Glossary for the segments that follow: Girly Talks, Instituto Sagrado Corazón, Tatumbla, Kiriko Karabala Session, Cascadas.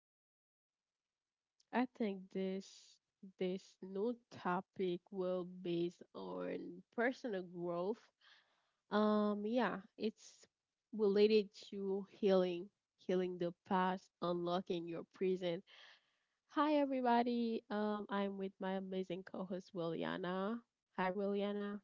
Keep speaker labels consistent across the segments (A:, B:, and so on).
A: I think this new topic will based on personal growth. Yeah, it's related to healing, healing the past, unlocking your present. Hi everybody. I'm with my amazing co-host Williana. Hi Williana,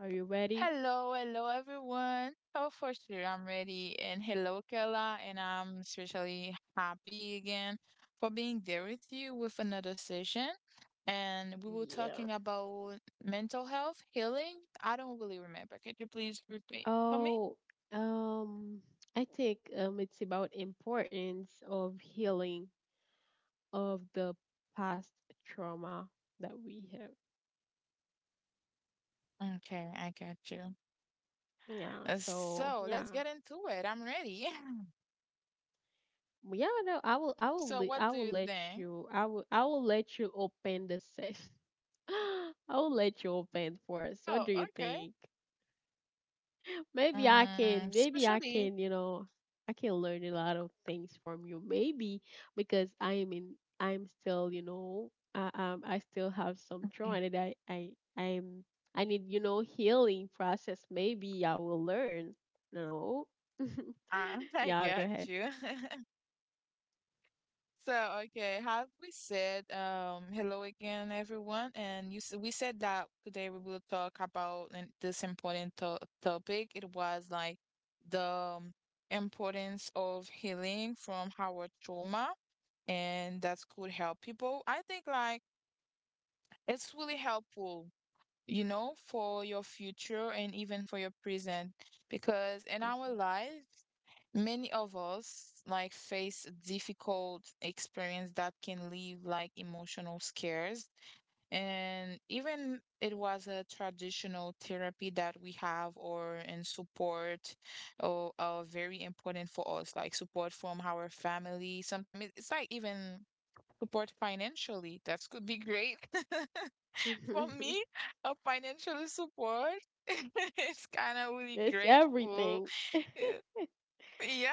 A: are you ready?
B: Hello, hello everyone. Oh, for sure, I'm ready. And hello, Kela. And I'm especially happy again for being there with you with another session. And we were
A: Yeah.
B: talking about mental health, healing. I don't really remember. Could you please repeat for me?
A: Oh, um, I think it's about importance of healing of the past trauma that we have.
B: Okay, I got you.
A: Yeah.
B: Uh,
A: So
B: So
A: yeah.
B: let's get into it. I'm ready.
A: Well, yeah, no, I will
B: So,
A: le-
B: what
A: I
B: do
A: will
B: you
A: let
B: think?
A: you I will let you open the session. I will let you open for us. What
B: Oh,
A: do you
B: okay.
A: think?
B: Um, especially,
A: You know, I can learn a lot of things from you. Maybe because I'm still, you know, I still have some
B: Okay.
A: trauma that I'm, I need, you know, healing process. Maybe I will learn. No.
B: I I
A: Yeah, go
B: got
A: ahead.
B: you. So, okay, have we said hello again, everyone? And we said that today we will talk about this important to topic. It was like the importance of healing from our trauma, and that could help people. I think like it's really helpful, you know, for your future and even for your present, because in our life many of us like face difficult experience that can leave like emotional scares. And even it was a traditional therapy that we have or in support or are very important for us, like support from our family. Sometimes it's like even support financially. That could be great. For
A: Mhm.
B: me, a financial support, it's kind of really
A: It's
B: grateful.
A: everything.
B: Yeah.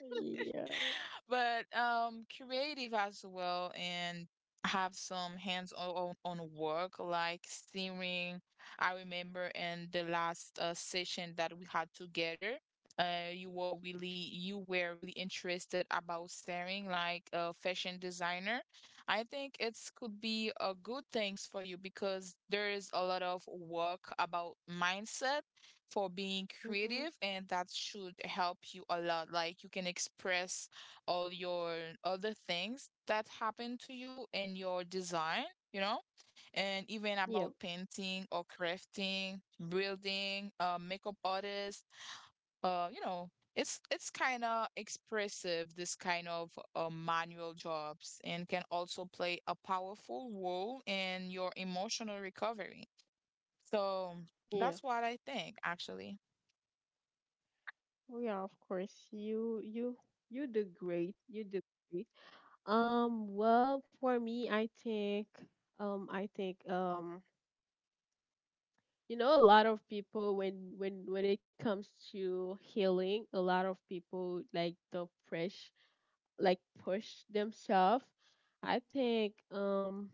A: Yeah.
B: But creative as well and have some hands-on on work like steaming. I remember in the last session that we had together, you were really interested about steering like a fashion designer. I think it's could be a good things for you because there is a lot of work about mindset for being
A: Mm-hmm.
B: creative and that should help you a lot like you can express all your other things that happen to you in your design, you know, and even
A: Yep.
B: about painting or crafting, building, makeup artist, you know, it's kind of expressive this kind of manual jobs and can also play a powerful role in your emotional recovery. So
A: Yeah.
B: that's what I think actually.
A: Well, yeah. Of course. You do great. You do great. Well, for me, I think, you know, a lot of people when it comes to healing, a lot of people like don't push, like push themselves. I think,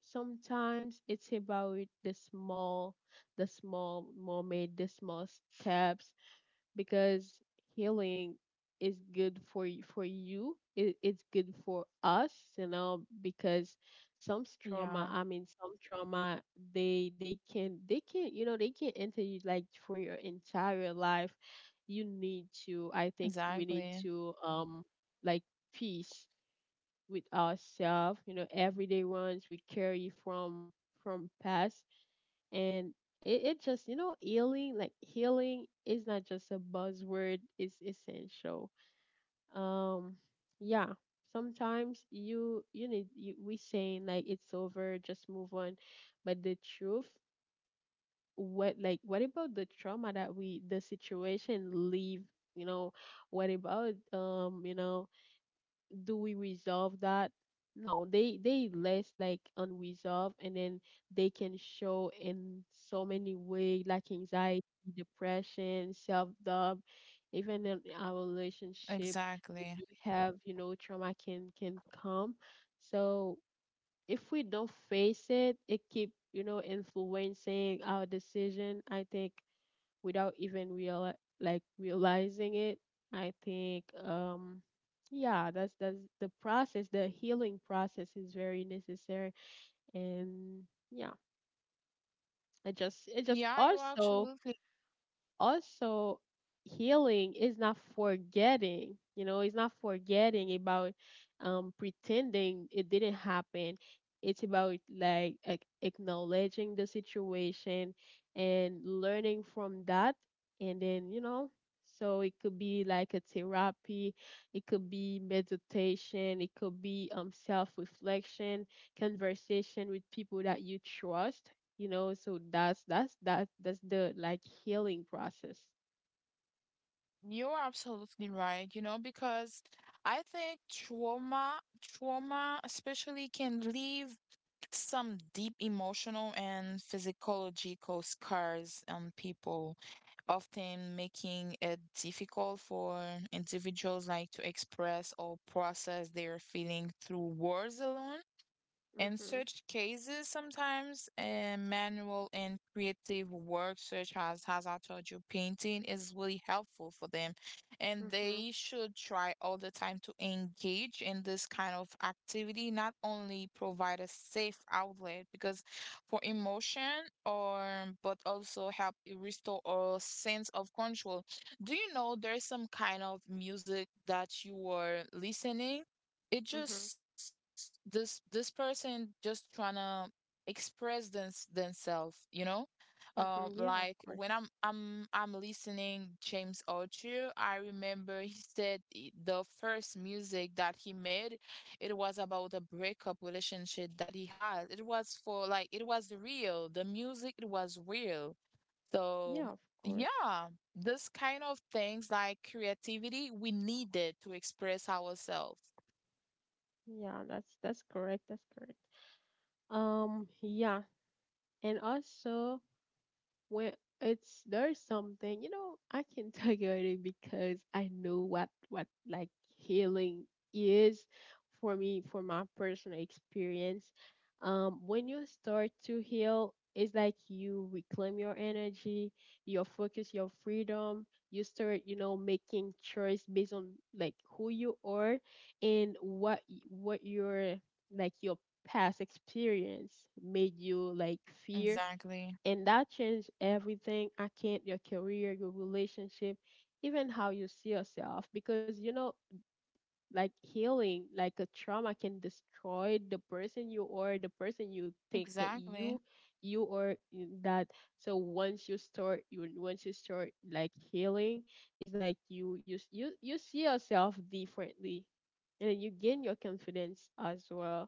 A: sometimes it's about the small, the small moment, the small steps, because healing is good for you, for you. It's good for us, you know, because some trauma,
B: Yeah,
A: I mean, some trauma, they can you know they can enter you like for your entire life. You need to, I think, we need
B: exactly.
A: to like peace with ourselves, you know, everyday ones we carry from past. And it just you know healing, like healing is not just a buzzword, it's essential. um yeah, sometimes we saying like it's over, just move on. But the truth, what like, what about the trauma that we the situation leave, you know, what about, you know, do we resolve that? No, they less like unresolved, and then they can show in so many ways, like anxiety, depression, self doubt, even in our relationship. We
B: Exactly.
A: do have you know trauma can come, so if we don't face it, it keep you know influencing our decision. I think without even real like realizing it. I think, yeah, that's the process, the healing process is very necessary. And yeah, it just it
B: Yeah,
A: just
B: you're
A: also,
B: absolutely
A: also healing is not forgetting, you know, it's not forgetting about, pretending it didn't happen. It's about like acknowledging the situation and learning from that, and then you know. So it could be like a therapy, it could be meditation, it could be self reflection, conversation with people that you trust, you know, so that's that that's the like healing process.
B: you're absolutely right, you know, because I think trauma especially can leave some deep emotional and physiological scars on people, often making it difficult for individuals like to express or process their feeling through words alone. In
A: Mhm.
B: such cases, sometimes manual and creative work, such as I told you, painting, is really helpful for them. And
A: Mhm.
B: they should try all the time to engage in this kind of activity, not only provide a safe outlet because for emotion or but also help restore our sense of control. Do you know there's some kind of music that you were listening? It
A: Mhm.
B: just this person just trying to express themselves, you know.
A: Mhm.
B: Like
A: Yeah, of
B: when
A: course.
B: I'm listening james Arthur, I remember he said the first music that he made, it was about a breakup relationship that he had. It was for like it was real, the music, it was real. So
A: Yeah, of course.
B: yeah, this kind of things like creativity we need it to express ourselves,
A: Yeah, that's correct. That's correct. Yeah, and also, when it's there's something, you know, I can tell you it because I know what like healing is for me, for my personal experience. When you start to heal, it's like you reclaim your energy, your focus, your freedom. You start, you know, making choice based on like who you are, and what what your, like your past experience made you like fear.
B: exactly.
A: And that changed everything. I can't, your career, your relationship, even how you see yourself. Because you know, like healing, like a trauma can destroy the person you are, the person you think that you
B: Exactly.
A: you are in that. So once you start, you once you start like healing, it's like you you see yourself differently, and then you gain your confidence as well.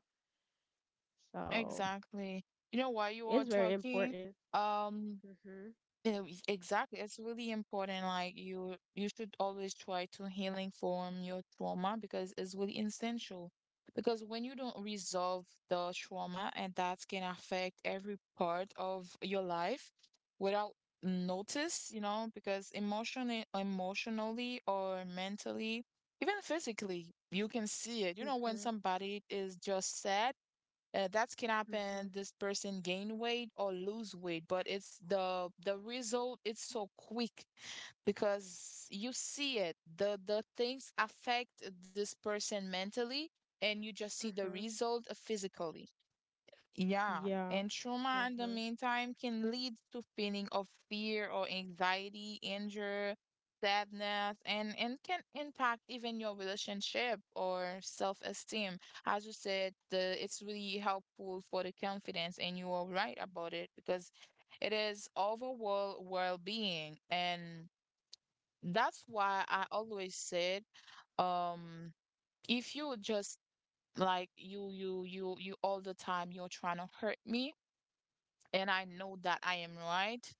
A: So
B: Exactly. You know, while you were
A: it's very
B: talking,
A: important.
B: um,
A: Mhm.
B: eh, exactly, it's really important. Like you should always try to healing from your trauma because it's really essential. Because when you don't resolve the trauma, and that can affect every part of your life without notice, you know, because emotionally or mentally, even physically, you can see it. You know, when
A: Mhm.
B: somebody is just sad, that's can
A: Mhm.
B: happen this person gain weight or lose weight, but it's the result it's so quick because you see it, the things affect this person mentally and you just see the
A: Mhm.
B: result physically, yeah,
A: Yeah.
B: and trauma in the
A: Mhm.
B: meantime can lead to feeling of fear or anxiety, anger, sadness, and can impact even your relationship or self-esteem. As you said, the it's really helpful for the confidence, and you are right about it because it is overall well-being, and that's why I always said, um, if you just like you all the time you're trying to hurt me and I know that I am right,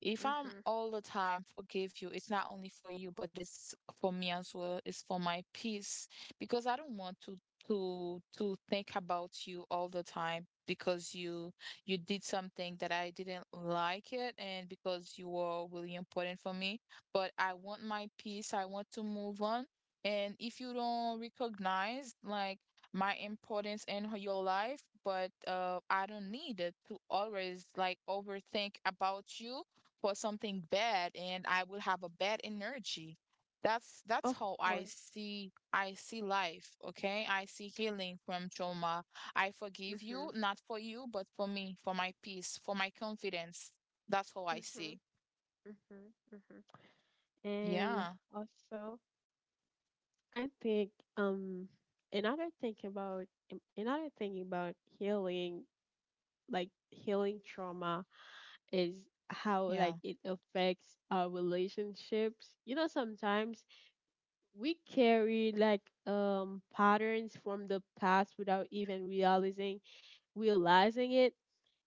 B: if I'm
A: Mhm.
B: all the time forgive you, it's not only for you, but it's for me as well. It's for my peace because I don't want to think about you all the time because you did something that I didn't like it, and because you were really important for me. But I want my peace. I want to move on. And if you don't recognize like my importance in your life, but I don't need it to always like overthink about you for something bad, and I will have a bad energy. That's
A: Of
B: how
A: course.
B: I see life, okay? I see healing from trauma. I forgive you,
A: Mhm.
B: not for you, but for me, for my peace, for my confidence. That's how I
A: Mhm.
B: see.
A: Mhm. Mhm. And
B: Yeah.
A: also, I think, another thing about, another thing about healing, like healing trauma, is how
B: Yeah.
A: like it affects our relationships. You know, sometimes we carry like patterns from the past without even realizing it.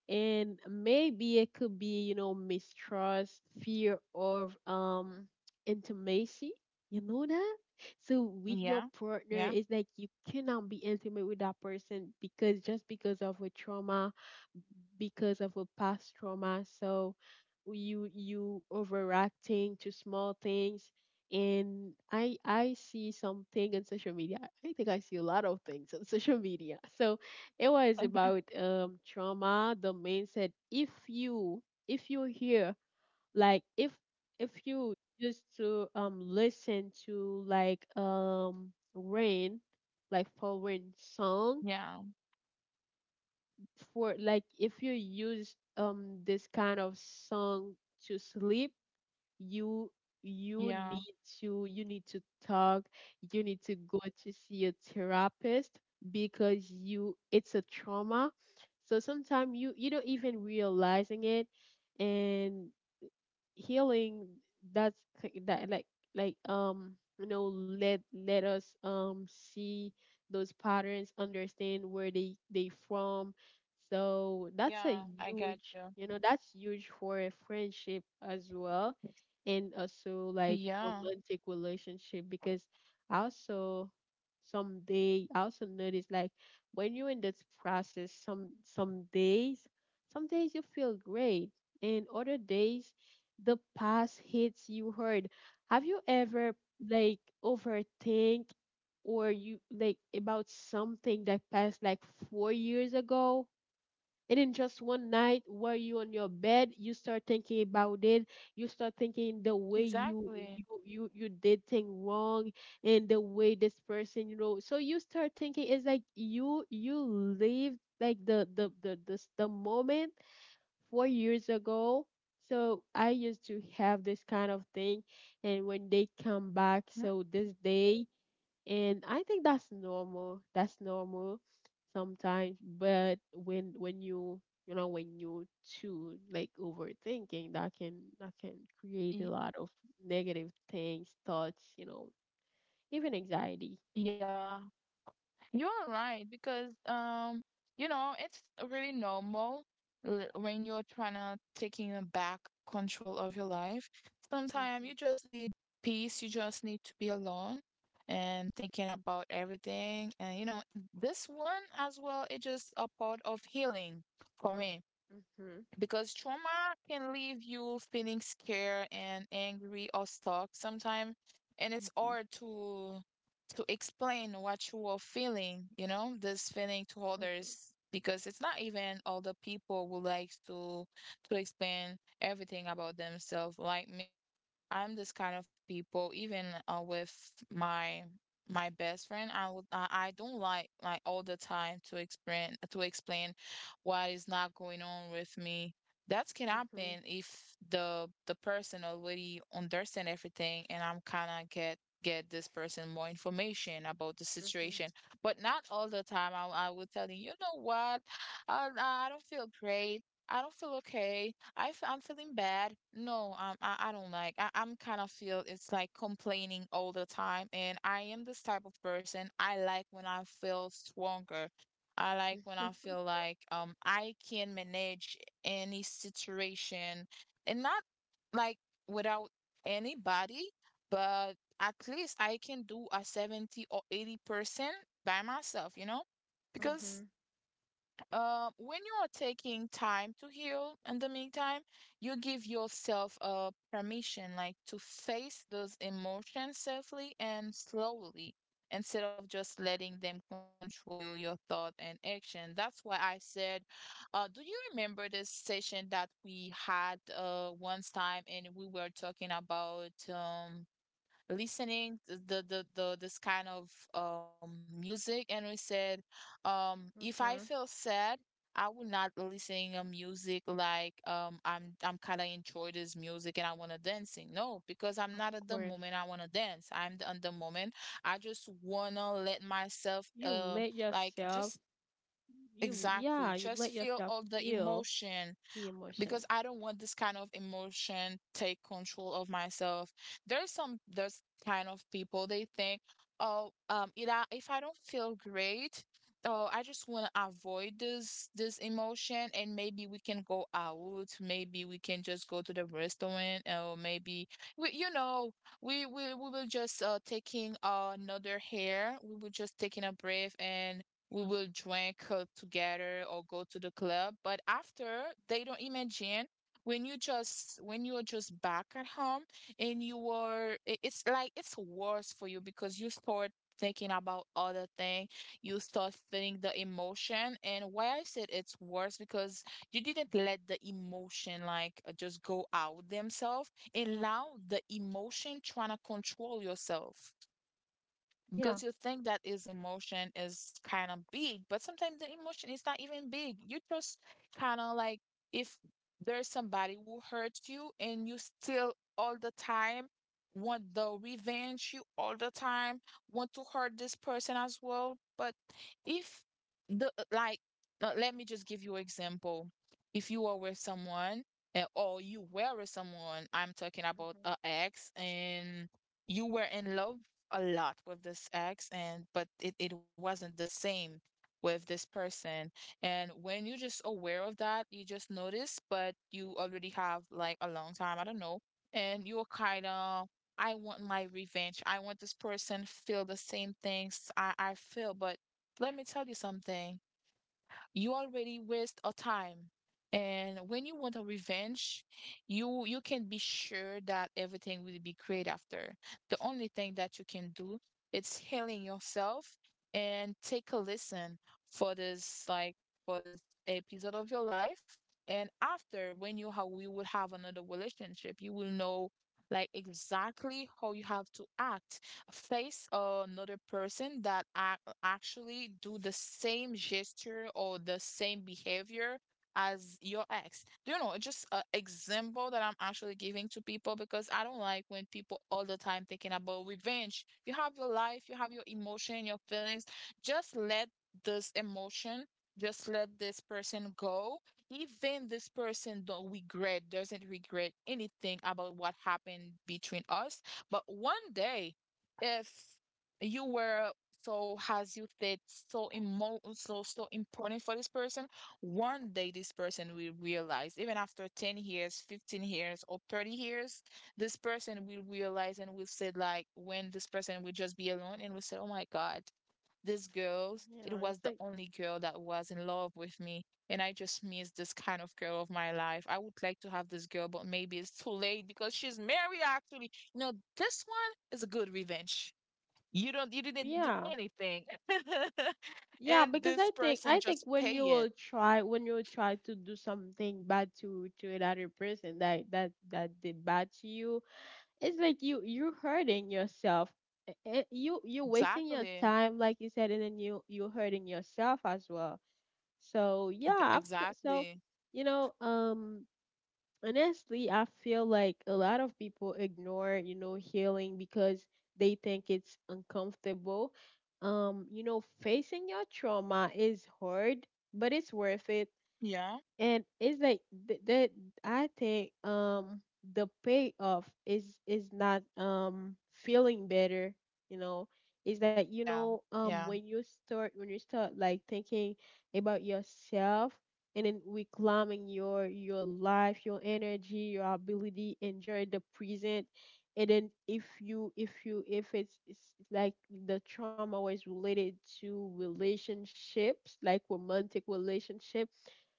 A: And maybe it could be, you know, mistrust, fear of intimacy, you know that. So with your
B: Yeah.
A: partner,
B: Yeah.
A: it's like you cannot be intimate with that person because just because of a trauma, because of a past trauma. So you overreacting to small things. And I see something on social media. I think I see a lot of things on social media. So it was about trauma. The man said, if you, if you hear like, if you just to listen to like rain like foreign song,
B: Yeah.
A: for like, if you use this kind of song to sleep, you you
B: Yeah.
A: need to, you need to talk, you need to go to see a therapist because you it's a trauma. So sometimes you you don't even realizing it. And healing, that's that like, you know, let let us see those patterns, understand where they from. So that's a
B: Yeah. I got
A: huge,
B: you.
A: you know, that's huge for a friendship as well, and also like
B: Yeah.
A: romantic relationship. Because I also, someday I also notice like, when you're in this process, some days, some days you feel great, and other days the past hits you hard. Have you ever like overthink, or you like about something that passed like 4 years ago? And in just one night, while you on your bed, you start thinking about it. You start thinking the way
B: Exactly.
A: you did thing wrong, and the way this person, you know. So you start thinking it's like you live like the moment 4 years ago. So I used to have this kind of thing, and when they come back,
B: Mhm.
A: so this day, and I think that's normal. That's normal sometimes. But when you know, when you too like overthinking, that can, that can create a
B: Y-
A: lot of negative things, thoughts, you know, even anxiety.
B: Yeah. You are right because you know it's really normal when you're trying to taking a back control of your life. Sometimes you just need peace. You just need to be alone and thinking about everything. And you know this one as well. It's just a part of healing for me
A: Mhm.
B: because trauma can leave you feeling scared and angry or stuck sometimes, and it's
A: Mhm.
B: hard to explain what you are feeling, you know, this feeling to
A: Mhm,
B: others because it's not even all the people who like to explain everything about themselves like me. I'm this kind of people even with my my best friend, I would I don't like all the time to explain what is not going on with me. That can
A: mhm,
B: happen if the person already understand everything and I'm kind of get this person more information about the
A: mhm,
B: situation, but not all the time I will tell you, you know what, I don't feel great, I don't feel okay, I'm feeling bad. No, I don't like I'm kind of feel it's like complaining all the time, and I am this type of person. I like when I feel stronger. I like when I feel like I can manage any situation and not like without anybody, but at least I can do a 70 or 80% by myself, you know? Because
A: mhm,
B: when you are taking time to heal in the meantime, you give yourself permission like to face those emotions safely and slowly instead of just letting them control you, your thought and action. That's why I said, do you remember this session that we had once time and we were talking about listening to the this kind of music, and we said, if I
A: mhm.
B: feel sad I will not listen to music like I'm kind of enjoy this music and I want to dancing. No, because I'm
A: Of
B: not at the
A: course.
B: moment I want to dance. I'm at the moment I just want to let myself
A: You let
B: like
A: yourself,
B: just,
A: you,
B: exactly,
A: yeah, you
B: just
A: let
B: feel
A: yourself
B: all the
A: feel
B: emotion
A: the emotion,
B: because I don't want this kind of emotion take control of myself. There's some there's kind of people they think, oh, if if I don't feel great, oh, I just want to avoid this emotion, and maybe we can go out, maybe we can just go to the restaurant, or maybe we, you know, we will just taking another hair, we will just taking a breath, and we will drink together or go to the club. But after, they don't imagine when you just when you are just back at home and you are it's like it's worse for you because you start thinking about other thing. You start feeling the emotion, and why I said it's worse because you didn't let the emotion like just go out themselves, and now the emotion trying to control yourself
A: yeah.
B: because you think that his emotion is kind of big, but sometimes the emotion is not even big. You just kind of like, if there's somebody who hurts you and you still all the time want the revenge, you all the time want to hurt this person as well. But if the uh, like, let me just give you example. If you are with someone, or you were with someone, I'm talking about
A: Mhm.
B: a ex, and you were in love a lot with this ex, and but it wasn't the same with this person. And when you're just aware of that, you just notice, but you already have like a long time, I don't know, and you're kind of, I want my revenge, I want this person feel the same things I feel. But let me tell you something, you already waste a time. And when you want a revenge, you can be sure that everything will be great after. The only thing that you can do is healing yourself and take a listen for this like for this episode of your life. And after when you have we will have another relationship, you will know like exactly how you have to act face another person that I actually do the same gesture or the same behavior as your ex. You know, it's just an example that I'm actually giving to people because I don't like when people all the time thinking about revenge. You have your life, you have your emotion, your feelings. Just let this emotion, just let this person go. Even this person don't regret, doesn't regret anything about what happened between us. But one day, if you were so as you said, so emo so so important for this person. One day this person will realize, even after 10 years, 15 years, or 30 years, this person will realize and will say, like, when this person will just be alone and will say, "Oh my God, this girl,
A: Yeah,
B: it
A: it's
B: was the
A: like,
B: only girl that was in love with me. And I just miss this kind of girl of my life. I would like to have this girl, but maybe it's too late because she's married actually." You know, this one is a good revenge. You didn't do
A: yeah,
B: anything.
A: yeah,
B: And
A: because
B: this
A: i think
B: person
A: i think
B: just pay
A: when you
B: it.
A: will try, when you will try to do something bad to another person that that did bad to you, it's like you hurting yourself. You you're wasting your
B: Exactly.
A: time like you said, and then you you're hurting yourself as well. So yeah, so
B: Exactly.
A: you know, honestly, I feel like a lot of people ignore, you know, healing because they think it's uncomfortable. You know, facing your trauma is hard, but it's worth it.
B: Yeah,
A: And it's like that, I think, the payoff is not feeling better, you know. It's like, you
B: yeah,
A: know,
B: yeah.
A: when you start, when you start like thinking about yourself, and then reclaiming your life, your energy, your ability enjoy the present. And then if you, if you, if it's like the trauma was related to relationships, like romantic relationships,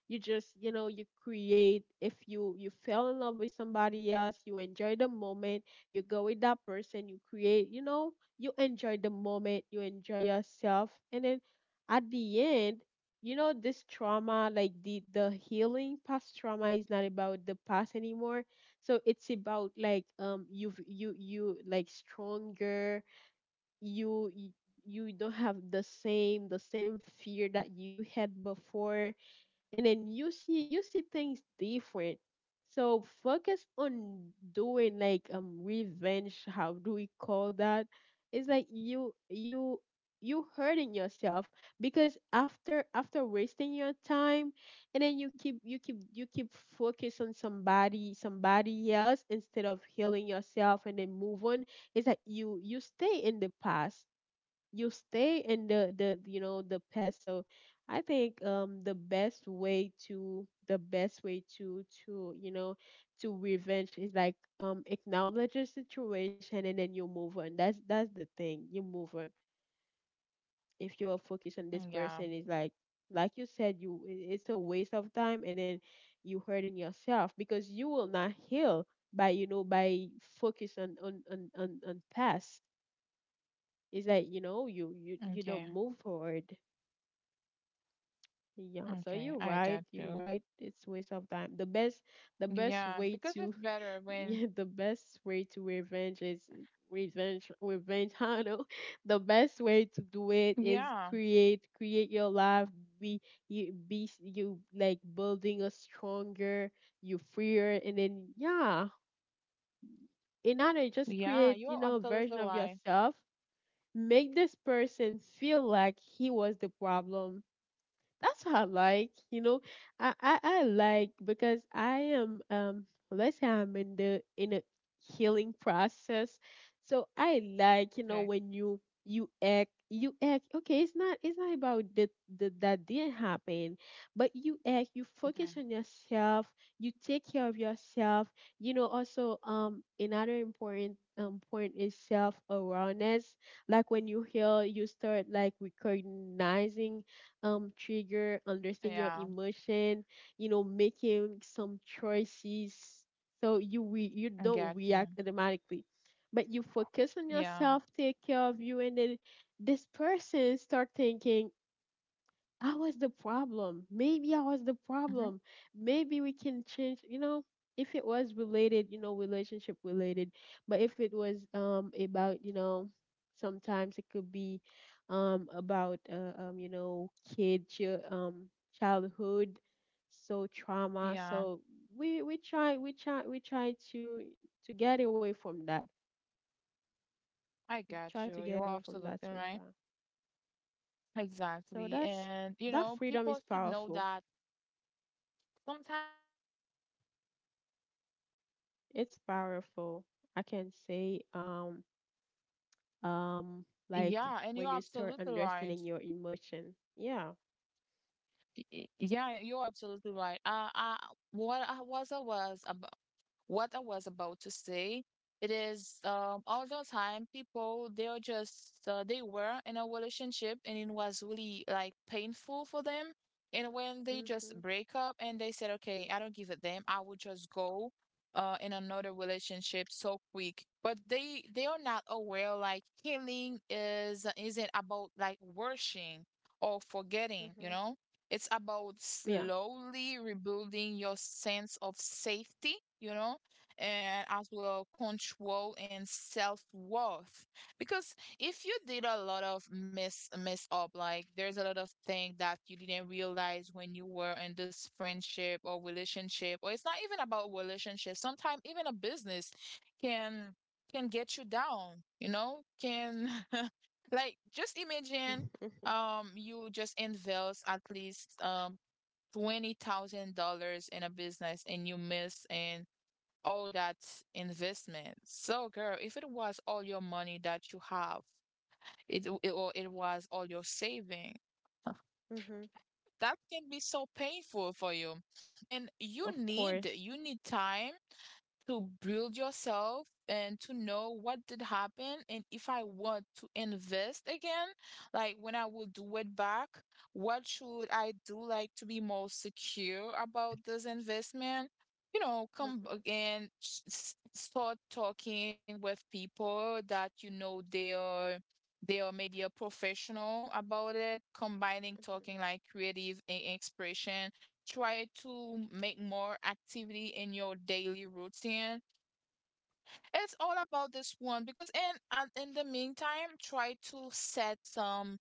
A: you just, you know, you create, if you, you fell in love with somebody else, you enjoy the moment, you go with that person, you create, you know, you enjoy the moment, you enjoy yourself, and then at the end, you know, this trauma, like the healing past trauma is not about the past anymore. So it's about like, you've you you like stronger, you you you don't have the same, the same fear that you had before, and then you see, you see things different. So focus on doing like, revenge, how do we call that, it's like you hurting yourself, because after, after wasting your time, and then you keep you keep focus on somebody, somebody else instead of healing yourself and then move on. It's like you stay in the past, you stay in the, you know, the past. So I think, the best way to, the best way to, you know, to revenge is like, acknowledge the situation and then you move on. That's the thing, you move on. If you're focused on this
B: Mm, yeah.
A: person, it's like you said, it's a waste of time, and then you hurting yourself because you will not heal by, you know, by focus on on past. It's like, you know, you
B: Okay.
A: don't move forward. Yeah, so
B: Okay,
A: you're
B: I
A: right.
B: got
A: You're
B: you.
A: right. It's waste of time. The best
B: Yeah,
A: way
B: because
A: to,
B: it's better when,
A: yeah, the best way to revenge is revenge, revenge. I don't know. The best way to do it is
B: yeah.
A: create, create your life. Be you, you like building a stronger, you freer, and then yeah, in order just
B: Yeah,
A: create, you
B: you're
A: know, a
B: absolutely
A: version of
B: right.
A: yourself. Make this person feel like he was the problem, that's what I like, you know. I like because I am let's say I'm in the in a healing process. So I like, you know,
B: Okay.
A: when you act okay, it's not about the that didn't happen, but you act, you focus
B: Okay,
A: on yourself, you take care of yourself. You know, also another important point is self awareness. Like when you heal, you start like recognizing trigger, understand your
B: yeah,
A: emotion, you know, making some choices so you
B: I
A: don't
B: got
A: react
B: you.
A: automatically. But you focus on
B: Yeah.
A: yourself, take care of you, and then this person start thinking I was the problem. Maybe I was the
B: Hmm.
A: problem. Maybe we can change, you know, if it was related, you know, relationship related, but if it was about, you know, sometimes it could be about you know, childhood so trauma.
B: Yeah,
A: So we try to get away from that.
B: I
A: Try
B: got
A: to
B: you,
A: get
B: you're
A: away from that
B: absolutely right.
A: sometimes. So
B: Exactly,
A: that's
B: and you
A: that
B: know
A: freedom
B: people
A: is
B: should know
A: powerful.
B: that sometimes.
A: It's powerful. I can say, um, like
B: Yeah, and you're
A: when you start
B: absolutely right.
A: understanding your emotion. Yeah.
B: Yeah, you're absolutely right. What I was what I was about to say. It is, all the time people they are just they were in a relationship and it was really like painful for them. And when they just
A: Mhm.
B: break up and they said, "Okay, I don't give a damn. I will just go in another relationship so quick." But they are not aware like healing is isn't about like washing or forgetting, you
A: Mhm.
B: know, it's about
A: Yeah.
B: slowly rebuilding your sense of safety, you know, and as well control and self-worth. Because if you did a lot of mess up, like there's a lot of things that you didn't realize when you were in this friendship or relationship, or it's not even about relationship, sometimes even a business can can get you down, you know, can like just imagine, you just invest at least $20,000 in a business and you miss in all that investment. So girl, if it was all your money that you have, it or it was all your saving,
A: mhm.
B: that can be so painful for you. And
A: Of course.
B: you need time to build yourself and to know what did happen and if I want to invest again, like when I will do it back, what should I do like to be more secure about this investment? You know, come
A: Mhm.
B: start talking with people that you know they are maybe a professional about it, combining
A: Mhm.
B: talking like creative and expression. Try to make more activity in your daily routine. It's all about this one because in the meantime, try to set some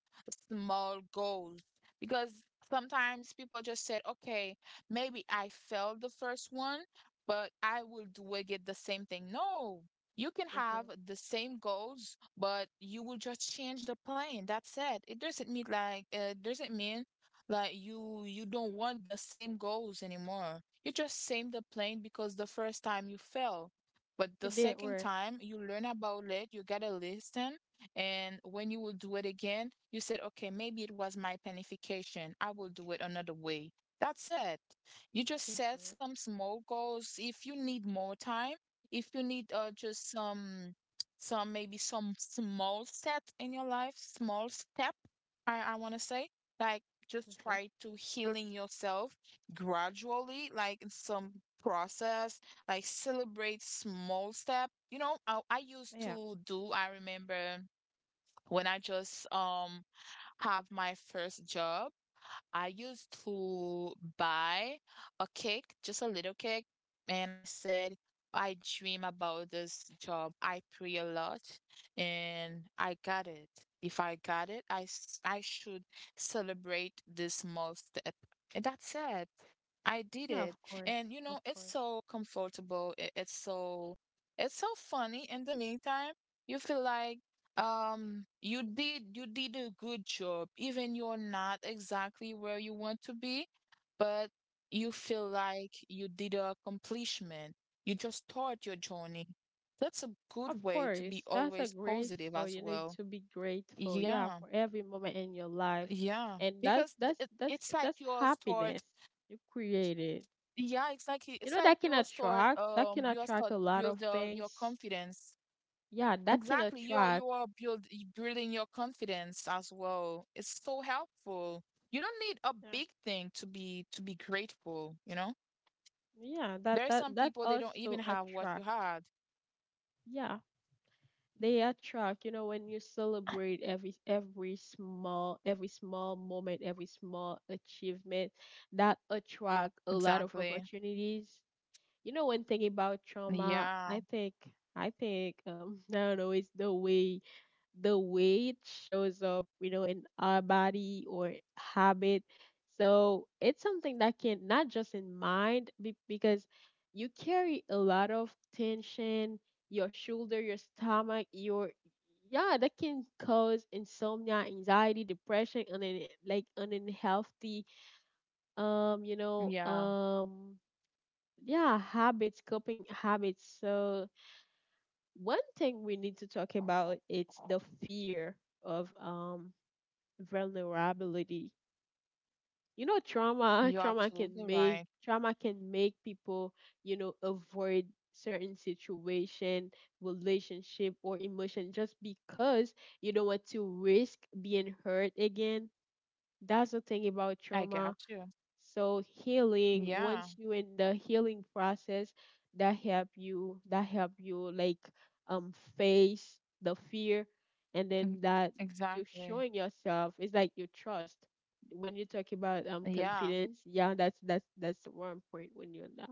B: small goals, because sometimes people just said, "Okay, maybe I failed the first one, but I will do again the same thing." No, you can have
A: Mhm.
B: the same goals, but you will just change the plan. That's it. It doesn't mean like you don't want the same goals anymore. You just same the plan because the first time you fail but the
A: It did
B: second
A: work.
B: time you learn about it, you gotta listen. And when you will do it again, you said, okay, maybe it was my planification. I will do it another way. That's it. You just set
A: Mhm.
B: some small goals. If you need more time, if you need, just some maybe some small step in your life, small step, I want to say, like, just
A: Mhm.
B: try to healing yourself gradually, like in some process, like celebrate small step. You know, I used
A: Yeah.
B: to do, I remember when I just have my first job, I used to buy a cake, just a little cake, and I said, I dream about this job. I pray a lot, and I got it. If I got it, I should celebrate this small step. And that's it. I did
A: Yeah.
B: it.
A: Of course.
B: And you know,
A: Of
B: it's
A: course.
B: so comfortable. It's so funny. In the meantime, you feel like, you did a good job. Even you're not exactly where you want to be, but you feel like you did a accomplishment. You just start your journey. That's a
A: Of
B: good way to
A: course,
B: be
A: that's a
B: always positive
A: grateful.
B: as
A: You need
B: well.
A: to be grateful, yeah,
B: Yeah,
A: for every moment in your life,
B: yeah.
A: and that's
B: Because
A: that's that's
B: it's like
A: that's
B: you'll start,
A: happiness you created.
B: yeah, exactly.
A: You
B: It's
A: know
B: like
A: that can attract, that can
B: you'll
A: attract
B: start
A: a lot of
B: build your
A: things.
B: confidence.
A: Yeah, that can
B: Exactly. You
A: attract.
B: are build building your confidence as well. It's so helpful. You don't need a
A: Yeah,
B: big thing to be grateful, you know?
A: yeah, that
B: There are
A: that
B: some
A: that
B: people they don't
A: also
B: even have what you
A: attract.
B: had.
A: Yeah, they attract. You know when you celebrate every small moment, every small achievement, that attract a lot of
B: Exactly.
A: opportunities. You know when thinking about trauma, i
B: Yeah.
A: think i think um I don't know, it's the way, the way it shows up, you know, in our body or habit. So it's something that can not just in mind because you carry a lot of tension, your shoulder, your stomach, your, yeah, that can cause insomnia, anxiety, depression, and then like an unhealthy um you know
B: Yeah.
A: um yeah habits, coping habits. So one thing we need to talk about, it's the fear of vulnerability. You know trauma,
B: You're absolutely right.
A: trauma can make people, you know, avoid certain situation, relationship or emotion just because you don't want to risk being hurt again. That's the thing about
B: I got
A: trauma.
B: you.
A: So healing,
B: Yeah.
A: once you in the healing process, that help you like face the fear, and
B: Mm.
A: then that you're
B: Exactly.
A: showing yourself. It's like you trust. When you talk about
B: Yeah.
A: confidence, yeah, that's one point when you're not.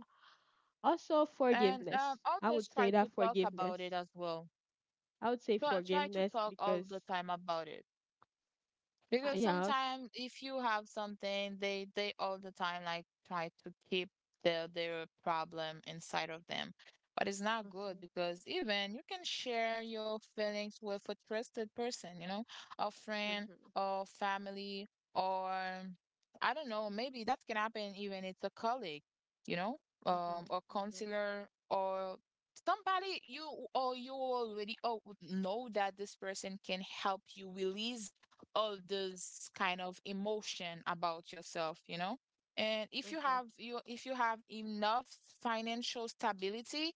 A: Also
B: And,
A: forgiveness. I
B: always
A: would say
B: try
A: that
B: to talk
A: forgiveness.
B: about it as well.
A: I would say
B: Try to
A: forgiveness
B: talk all
A: because
B: the time about it. Because
A: yeah. I was,
B: sometimes if you have something, they all the time like try to keep their problem inside of them. But it's not good
A: mhm,
B: because even you can share your feelings with a trusted person, you know, a friend
A: mhm,
B: or family or I don't know, maybe that can happen even it's a colleague, you know,
A: mhm,
B: or
A: mhm,
B: counselor or somebody you or you already oh, know that this person can help you release all this kind of emotion about yourself, you know? And if you
A: mhm,
B: have you if you have enough financial stability,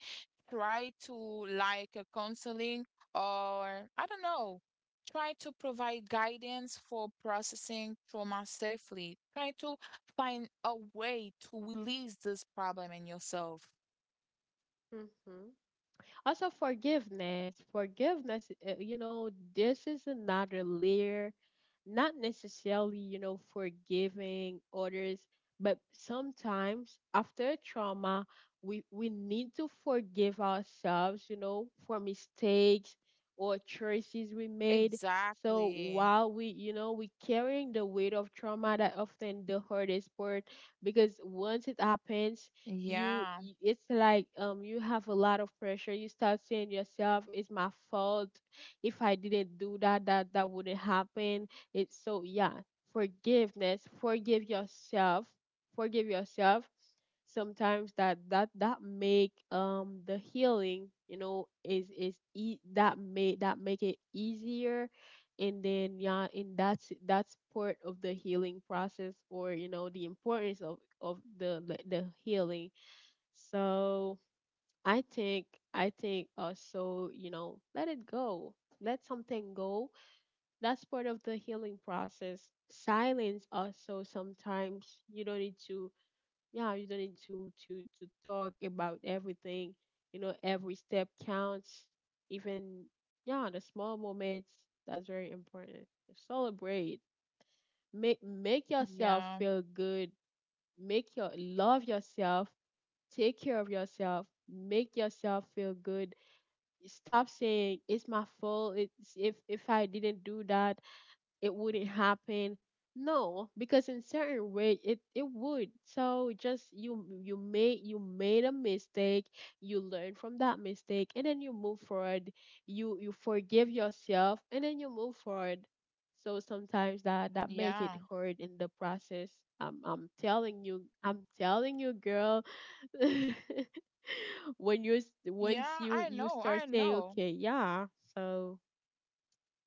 B: try to like a counseling or I don't know, try to provide guidance for processing trauma safely. Try to find a way to release this problem in yourself.
A: mhm. Also, forgiveness. Forgiveness, you know, this is another layer. Not necessarily, you know, forgiving others, but sometimes after trauma, we need to forgive ourselves, you know, for mistakes or choices we made. So
B: Exactly.
A: while we, you know, we carrying the weight of trauma, that often the hardest part, because once it happens, you
B: Yeah.
A: y- it's like you have a lot of pressure, you start saying yourself it's my fault, if I didn't do that, that wouldn't happen. It's so, yeah, forgiveness, forgive yourself, forgive yourself. Sometimes that make the healing, you know, that make, that make it easier. And then yeah, and that's part of the healing process, or you know, the importance of the healing. So I think, I think also, you know, let it go. Let something go. That's part of the healing process. Silence also, sometimes you don't need to, yeah, you don't need to to talk about everything. You know, every step counts. Even yeah, the small moments, that's very important. Celebrate. Make yourself
B: Yeah.
A: feel good. Make your love yourself, take care of yourself, make yourself feel good. Stop saying it's my fault, it's if I didn't do that it wouldn't happen. No, because in certain way it it would. So just, you you made a mistake, you learn from that mistake, and then you move forward. You forgive yourself, and then you move forward. So sometimes that that make it
B: Yeah.
A: hard in the process. I'm telling you girl. when you s- once
B: Yeah.
A: you
B: I
A: you
B: know.
A: start
B: I
A: saying
B: know.
A: okay, yeah. So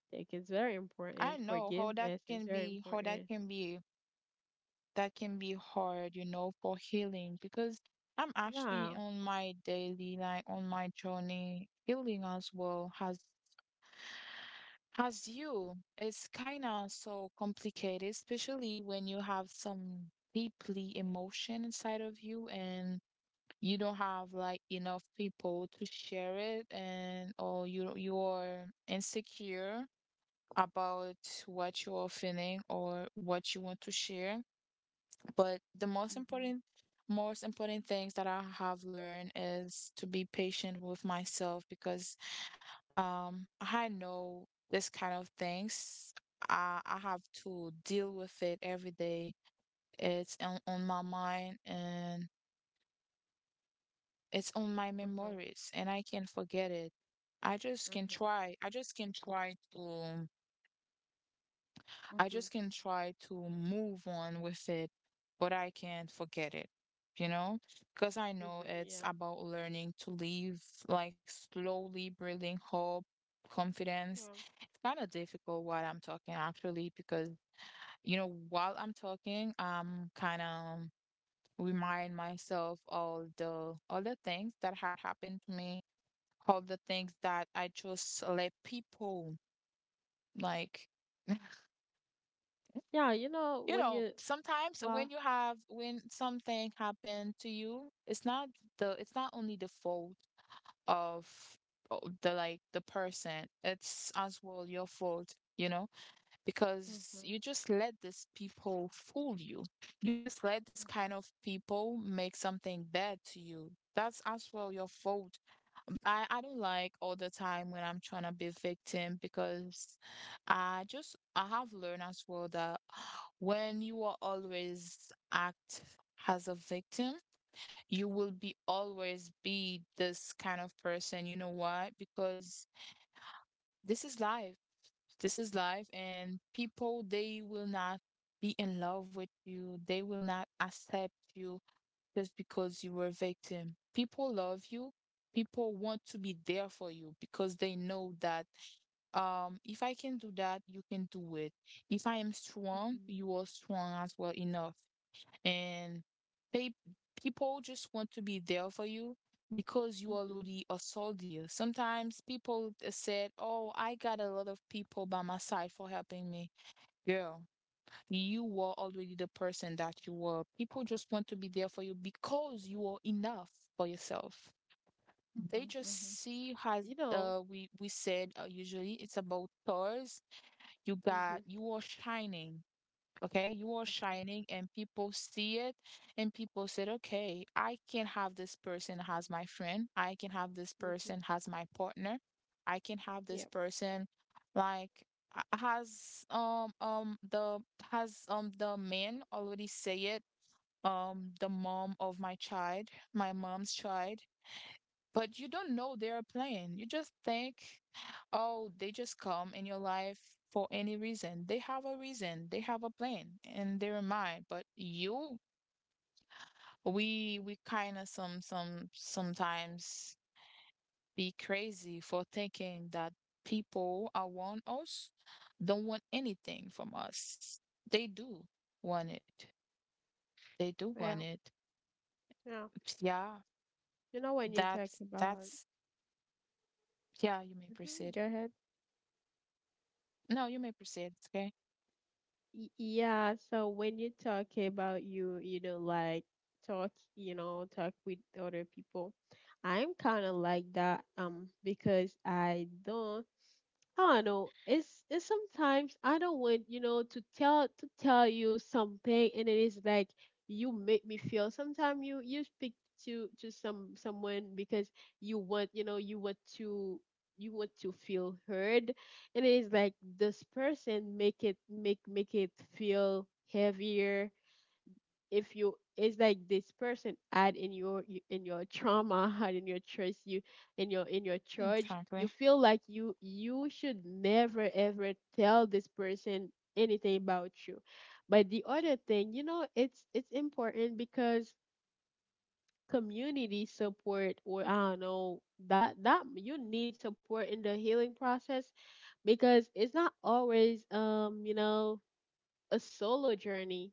A: I think it's very
B: I
A: important,
B: know how that
A: forgiveness is
B: can
A: very
B: be, how
A: important,
B: that can be hard, you know, for healing because I'm
A: yeah.
B: actually on my daily, like on my journey, healing as well has as you. It's kind of so complicated, especially when you have some deeply emotion inside of you and you don't have like enough people to share it, and or you're insecure about what you are feeling or what you want to share. But the most
A: Mhm.
B: important, most important things that I have learned is to be patient with myself because I know this kind of things. I have to deal with it every day. It's on my mind and it's on my
A: Mhm.
B: memories and I can't forget it. I just can
A: Mhm.
B: try. I just can try to I
A: Mhm.
B: just can try to move on with it, but I can't forget it, you know? Because I know
A: Mhm.
B: it's
A: Yeah,
B: about learning to live, like slowly building hope, confidence.
A: yeah,
B: It's kind of difficult while I'm talking, actually, because, you know, while I'm talking, I'm kind of remind myself all the things that had happened to me, all the things that I just let people like,
A: yeah. You know
B: you
A: when
B: know,
A: you,
B: sometimes when
A: well,
B: you have when something happened to you, it's not only the fault of the person. It's as well your fault, you know? Because
A: mhm,
B: you just let these people fool you. You just let this kind
A: mhm.
B: of people make something bad to you. That's as well your fault. I don't like all the time when I'm trying to be victim because I have learned as well that when you are always act as a victim, you will be always be this kind of person. You know why? Because this is life this is life and people they will not be in love with you, they will not accept you just because you were a victim. People love you, people want to be there for you because they know that, if I can do that you can do it, if I am strong
A: Mhm.
B: you are strong as well enough. And pe people just want to be there for you because you
A: Mhm.
B: already a soldier. Sometimes people said, "Oh, I got a lot of people by my side for helping me." Girl, you were already the person that you were. People just want to be there for you because you are enough for yourself. They
A: Mhm,
B: just
A: mhm.
B: see as,
A: You know.
B: we said, usually it's about stars. You
A: Mhm.
B: got you are shining. Okay, you are
A: Mhm.
B: shining and people see it and people said, "Okay, I can have this person as my friend. I can have this
A: Mhm.
B: person as my partner. I can have this
A: Yeah,
B: person like has the has the man already say it, um, the mom of my child, my mom's child, but you don't know their plan. You just think, oh, they just come in your life for any reason. They have a reason. They have a plan in their mind. But you, we kind of some sometimes be crazy for thinking that people are want us, don't want anything from us. They do want it. They do want
A: yeah,
B: it.
A: yeah.
B: Yeah,
A: You know when you talk
B: that's
A: about,
B: that's yeah. You may proceed.
A: mhm, go ahead.
B: No, you may proceed. Okay.
A: Yeah, so when you talk about you, you know, like talk, you know, talk with other people, I'm kind of like that because I don't, I don't know. It's sometimes I don't want, you know, to tell, to tell you something, and it is like you make me feel. Sometimes you speak to someone because you want, you know, you want to feel heard, and it is like this person make it, make it feel heavier. If you, it's like this person had in your, in your trauma, had in your choice you, in your, in your charge,
B: Exactly.
A: you feel like you should never ever tell this person anything about you. But the other thing, you know, it's important because community support, or I don't know, that you need support in the healing process, because it's not always, um, you know, a solo journey.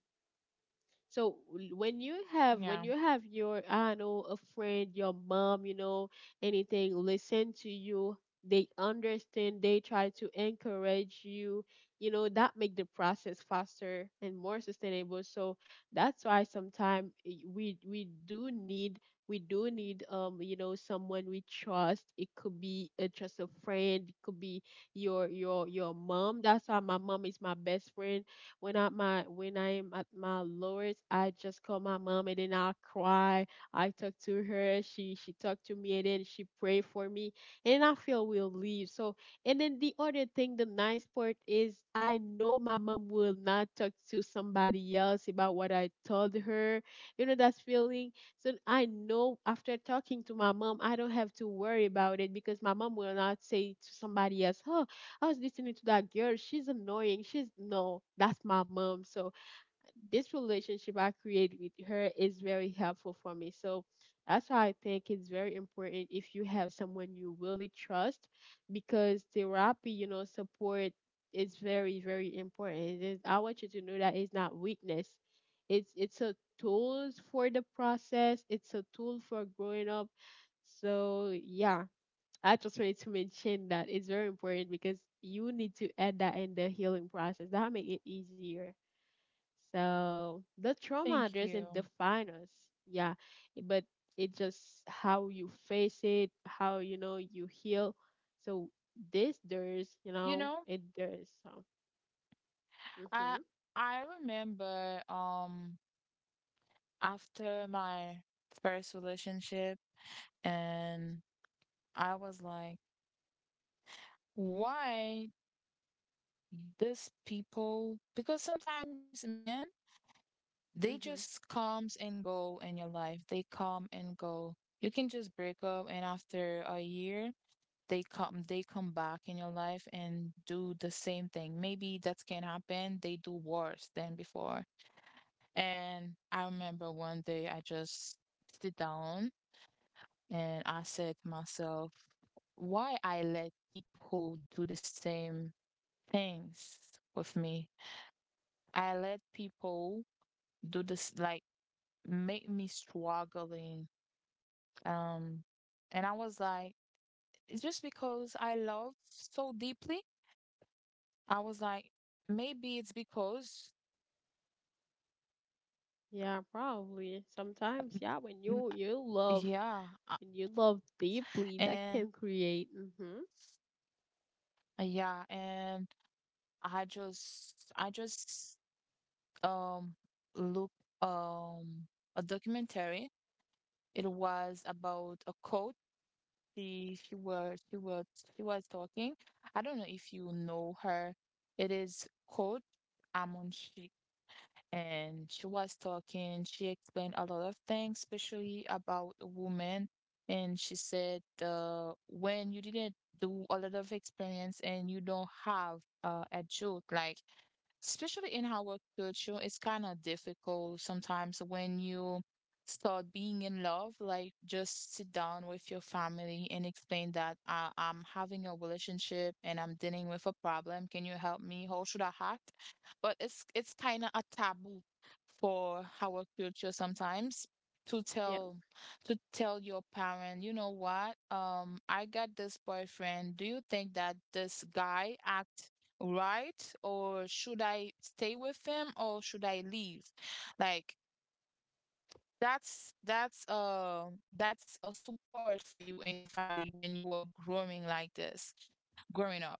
A: So
B: Yeah,
A: when you have your, I know, a friend, your mom, you know, anything listen to you, they understand, they try to encourage you, you know, that make the process faster and more sustainable. So that's why sometimes we do need, you know, someone we trust. It could be a just a friend, it could be your your mom. That's why my mom is my best friend. When I, my when I am at my lowest, I just call my mom, and then I cry. I talk to her. She talked to me, and then she pray for me, and I feel we'll leave. So, and then the other thing, the nice part is, I know my mom will not talk to somebody else about what I told her. You know that feeling. So I know after talking to my mom, I don't have to worry about it, because my mom will not say to somebody else, "Oh, I was listening to that girl. She's annoying. She's no, that's my mom." So this relationship I create with her is very helpful for me. So that's why I think it's very important, if you have someone you really trust, because therapy, you know, support is very, very important. It is, I want you to know that it's not weakness. It's a tool for the process. It's a tool for growing up. So yeah, I just wanted to mention that it's very important, because you need to add that in the healing process. That make it easier. So the trauma
B: thank
A: doesn't
B: you.
A: define us, yeah, but it just how you face it, how you know you heal. So this does, you
B: You
A: know,
B: know,
A: it does. So,
B: I
A: hmm,
B: I remember, um, after my first relationship. And I was like, why these people? Because sometimes men, they
A: hmm,
B: just comes and go in your life. They come and go. You can just break up, and after a year they come back in your life and do the same thing. Maybe that can happen. They do worse than before. And I remember one day I just sit down and I said to myself, why I let people do the same things with me? I let people do this like make me struggling. Um and I was like, it's just because I love so deeply. I was like, maybe it's because
A: yeah, probably
B: uh, n-
A: sometimes, yeah, when
B: n-
A: you love,
B: yeah, uh,
A: when you love deeply, that
B: and
A: can create. Hmm.
B: yeah, and I just um look, um a documentary. It was about a coach. She was she was she was talking. I don't know if you know her. It is Coach Amon, and she was talking. She explained a lot of things, especially about a woman. And she said, when you didn't do a lot of experience and you don't have a job, like especially in our culture, it's kind of difficult sometimes when you start being in love. Like, just sit down with your family and explain that, I'm having a relationship and I'm dealing with a problem. Can you help me? How should I act? But it's kind of a taboo for our culture sometimes to
A: Yeah.
B: tell to tell your parent, you know what? I got this boyfriend. Do you think that this guy act right? Or should I stay with him or should I leave? Like that's that's uh that's a support for you and your family when you are growing like this, growing up.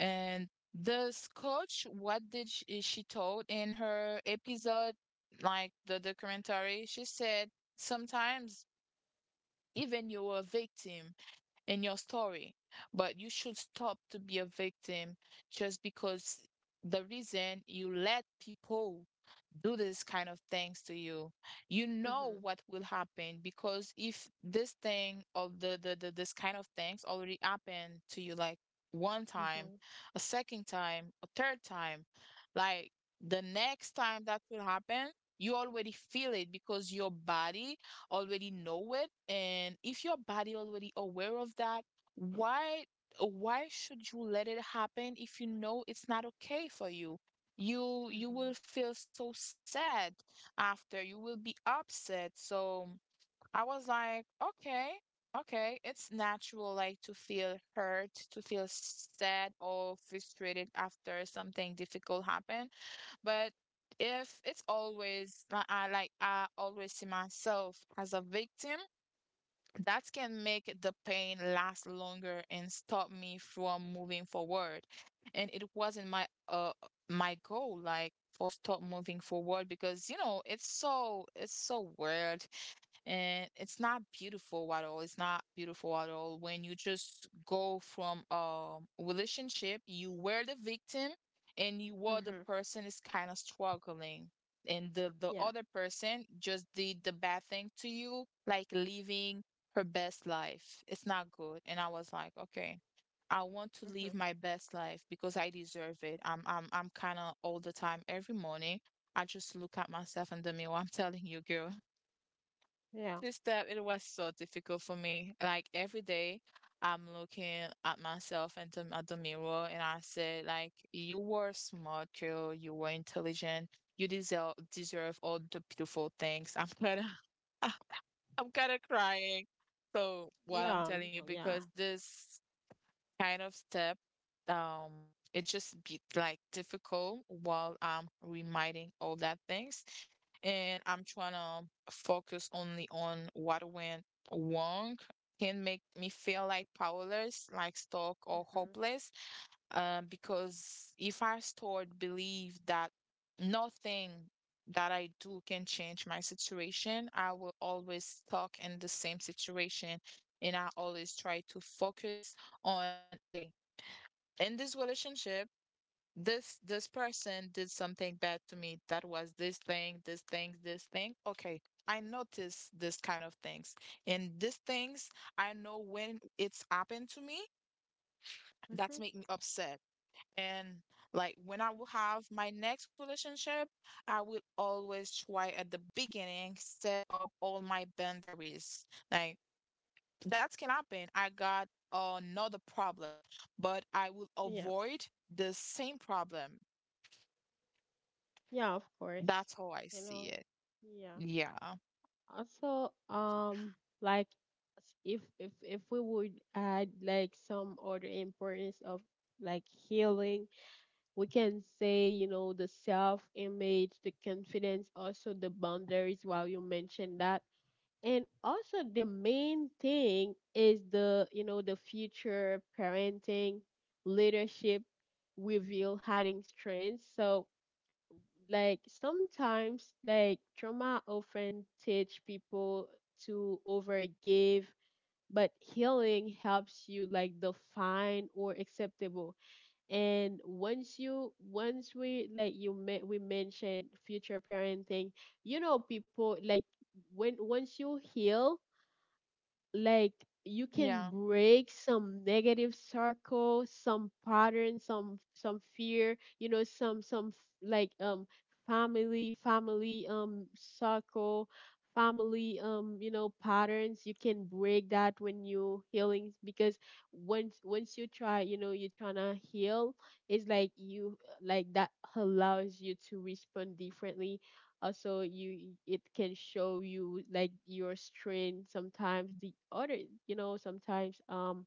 B: And this coach, what did she told in her episode, like the documentary? She said sometimes even you're a victim in your story. But you should stop to be a victim just because the reason you let people do this kind of things to you, you know
A: Hmm.
B: what will happen, because if this thing of the this kind of things already happened to you like one time,
A: Hmm.
B: a second time, a third time, like the next time that will happen, you already feel it because your body already know it. And if your body already aware of that, why why should you let it happen if you know it's not okay for you? You? You
A: Mm-hmm.
B: will feel so sad after. You will be upset. So I was like, okay, okay, it's natural like to feel hurt, to feel sad or frustrated after something difficult happened. But if it's always, like I always see myself as a victim, that can make the pain last longer and stop me from moving forward. And it wasn't my goal like for stop moving forward, because you know it's so weird, and it's not beautiful at all. It's not beautiful at all when you just go from a relationship, you were the victim and you were the
A: Mm-hmm.
B: person is kind of struggling. And the
A: Yeah.
B: other person just did the bad thing to you, like leaving her best life. It's not good. And I was like, okay, I want to live
A: Mhm.
B: my best life because I deserve it. I'm kind of all the time every morning. I just look at myself in the mirror. I'm telling you, girl,
A: Yeah.
B: this step, it was so difficult for me. Like every day, I'm looking at myself and at the mirror, and I said, like, you were smart, girl. You were intelligent. You deserve all the beautiful things. I'm gonna I'm kind of crying. So what I'm
A: Yeah.
B: telling you,
A: Oh, yeah.
B: because this kind of step, um, it just be like difficult while I'm reminding all that things, and I'm trying to focus only on what went wrong can make me feel like powerless, like stuck or
A: Mhm.
B: hopeless, because if I stored belief that nothing that I do can change my situation, I will always stuck in the same situation, and I always try to focus on okay, in this relationship, this person did something bad to me. That was this thing, this thing, this thing. Okay, I notice this kind of things, and these things I know when it's happened to me. That's
A: Mm-hmm.
B: make me upset. And like when I will have my next relationship, I will always try at the beginning set up all my boundaries. Like that can happen. I got another problem, but I will
A: Yeah.
B: avoid the same problem.
A: Yeah, of course.
B: That's how I
A: You
B: see
A: know.
B: it.
A: Yeah.
B: Yeah.
A: Also, like if we would add some other importance of healing, we can say, the self image, the confidence, also the boundaries while you mentioned that, and also the main thing is the the future parenting, leadership, reveal hiding strengths. So sometimes trauma often teach people to overgive, but healing helps you define or acceptable. And once you once we like you me- we mentioned future parenting, people when once you heal, like you can
B: Yeah,
A: break some negative circle, some pattern, some fear, some family circle, family, patterns. You can break that when you healing, because once you try, you're trying to heal, it's like you, like that allows you to respond differently. Also, you, it can show you your strength. Sometimes the other, sometimes,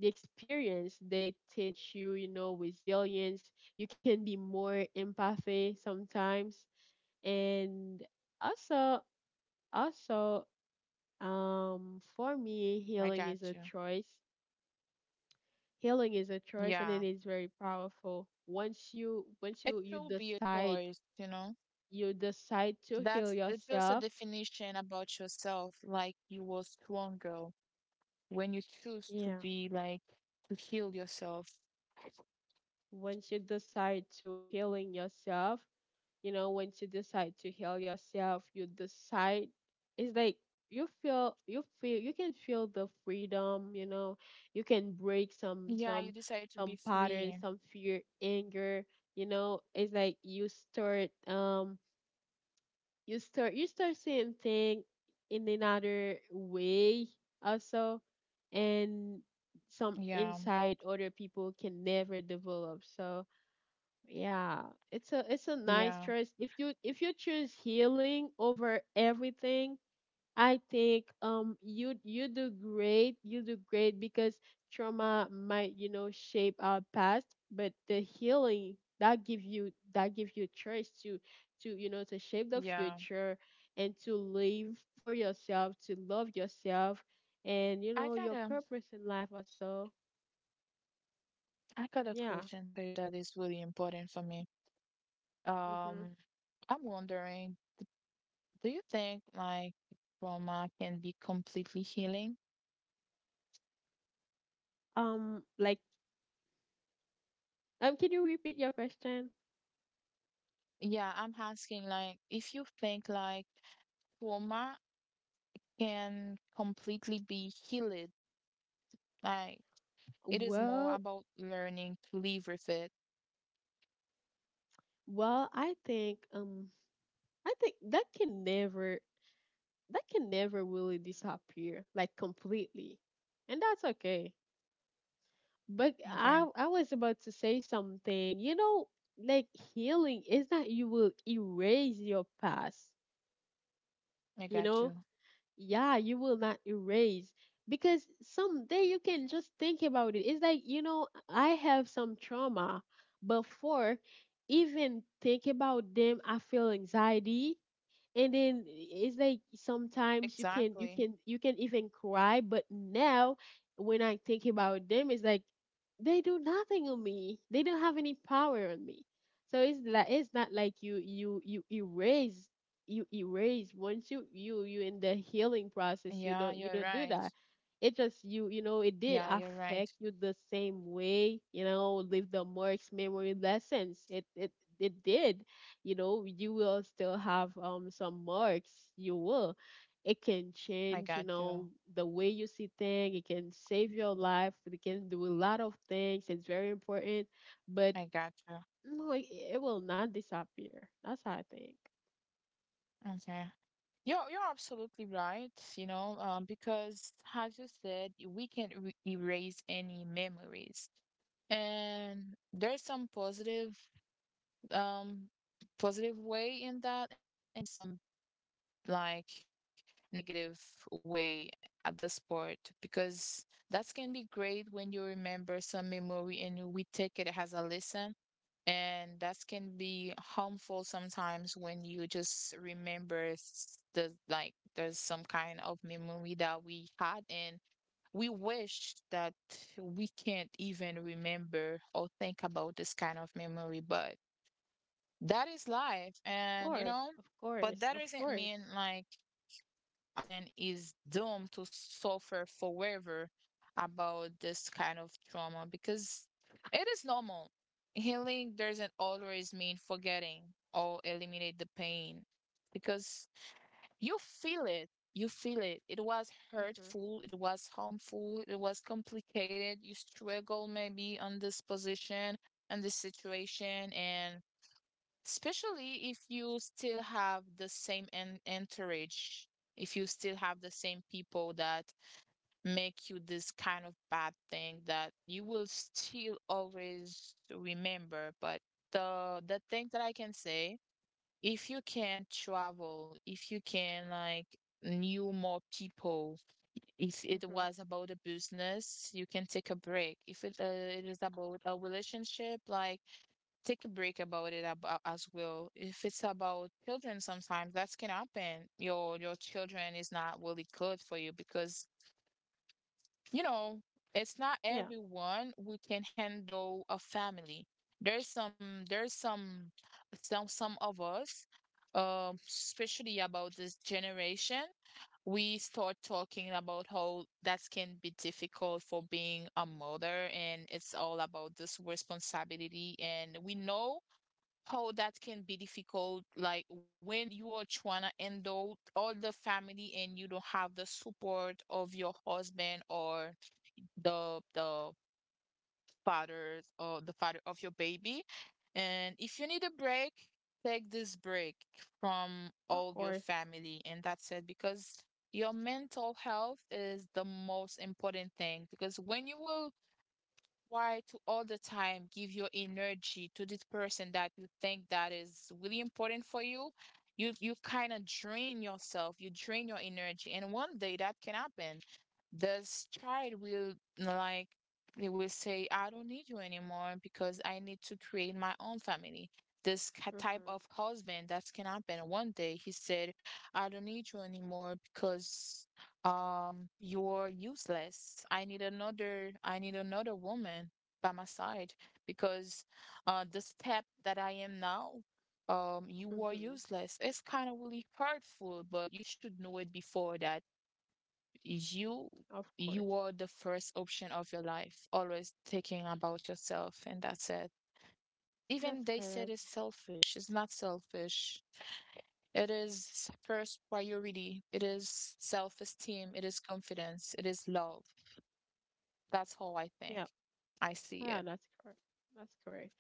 A: the experience, they teach you, you know resilience. You can be more empathy sometimes, and also, also for me,
B: I
A: healing is
B: got
A: a
B: you.
A: choice. Healing is a choice, and
B: Yeah.
A: it is very powerful once you
B: It should be a
A: decide,
B: choice, you know.
A: you decide to heal
B: That's it's just a
A: yourself.
B: definition about yourself, like you were stronger when you choose to
A: Yeah
B: be like to heal yourself.
A: once you decide to healing yourself, you know, once you decide to heal yourself, you decide. It's like you feel, you can feel the freedom, you know. You can break some
B: Yeah, you decide to
A: some
B: be
A: patterns,
B: free.
A: some fear, anger, you know. It's like you start, you start, seeing things in another way also. And some
B: Yeah,
A: insight other people can never develop. So yeah, it's a, nice
B: yeah,
A: choice. If you, choose healing over everything, I think you, do great. You do great because trauma might, you know, shape our past, but the healing, that give you, choice to, you know, to shape the
B: yeah.
A: future and to live for yourself, to love yourself and you
B: I
A: know,
B: got
A: your
B: a
A: purpose in life also.
B: I got a
A: Yeah.
B: question for you that is really important for me.
A: Mhm.
B: Um, I'm wondering, do you think like trauma can be completely healing?
A: Um like um, can you repeat your question?
B: Yeah, I'm asking like if you think like trauma can completely be healed, like it is
A: Well,
B: more about learning to live with it.
A: well, I think um I think that can never, really disappear like completely. And that's okay. But
B: Okay,
A: I was about to say something. You know, like healing is that you will erase your past,
B: I
A: you
B: got
A: know?
B: you.
A: Yeah, you will not erase, because someday you can just think about it. It's like, you know, I have some trauma before. Even think about them, I feel anxiety. And then it's like sometimes you can, you
B: Exactly.
A: can you can even cry. But now when I think about them, it's like they do nothing on me. They don't have any power on me. So it's like it's not like you, erase. You erase once you, in the healing process. You
B: Yeah,
A: don't,
B: you're
A: do
B: right.
A: that. It just, you know, it didn't
B: Yeah, you're right.
A: affect you the same way. You know, leave the marks, memory, lessons. It, did, you know. You will still have some marks. You will, it can
B: I
A: change,
B: got
A: you
B: you.
A: know, the way you see things. It can save your life. It can do a lot of things. It's very important. But
B: I got you.
A: no, it, it will not disappear. That's how I think.
B: Okay. You're absolutely right, you know, because as you said, we can't re erase any memories. And there's some positive, um positive way in that, and there's some like negative way at the sport, because that can be great when you remember some memory and we take it as a lesson, and that can be harmful sometimes when you just remember there's some kind of memory that we had and we wish that we can't even remember or think about this kind of memory. But that is life.
A: Of
B: And, you
A: course,
B: know,
A: of
B: but
A: course,
B: that
A: of
B: doesn't
A: course.
B: mean like a person is doomed to suffer forever about this kind of trauma, because it is normal. Healing doesn't always mean forgetting or eliminate the pain because you feel it. You feel it. It was
A: Mhm.
B: hurtful. It was harmful. It was complicated. You struggle maybe on this position and this situation, and especially if you still have the same entourage, if you still have the same people that make you this kind of bad thing, that you will still always remember. But the thing that I can say, if you can travel, if you can like knew more people, if it
A: Mhm.
B: was about a business you can take a break. If it, it is about a relationship, like take a break about it, about as well. If it's about children, sometimes that can happen. Your children is not really good for you because, you know, it's not
A: Yeah,
B: everyone who can handle a family. There's some some of us, especially about this generation, we start talking about how that can be difficult for being a mother, and it's all about this responsibility, and we know how that can be difficult like when you are trying to handle all the family and you don't have the support of your husband or the fathers or the father of your baby. And if you need a break, take this break from
A: of
B: all your
A: course.
B: family, and that's it, because your mental health is the most important thing. Because when you will, why to all the time give your energy to this person that you think that is really important for you? You kind of drain yourself, you drain your energy, and one day that can happen. This child will like they will say, "I don't need you anymore because I need to create my own family." This type
A: Mhm.
B: of husband, that can happen. One day he said, "I don't need you anymore because." You're useless. I need another woman by my side because, the step that I am now, you are
A: Mhm.
B: useless. It's kind of really hurtful, but you should know it before that you
A: Of
B: you
A: course.
B: are the first option of your life, always thinking about yourself, and that's it.
A: That's
B: Even they
A: correct.
B: said it's selfish. It's not selfish. It is first priority. It is self-esteem. It is confidence. It is love. That's how I
A: Yeah,
B: think. I see
A: yeah,
B: it.
A: that's correct. That's correct.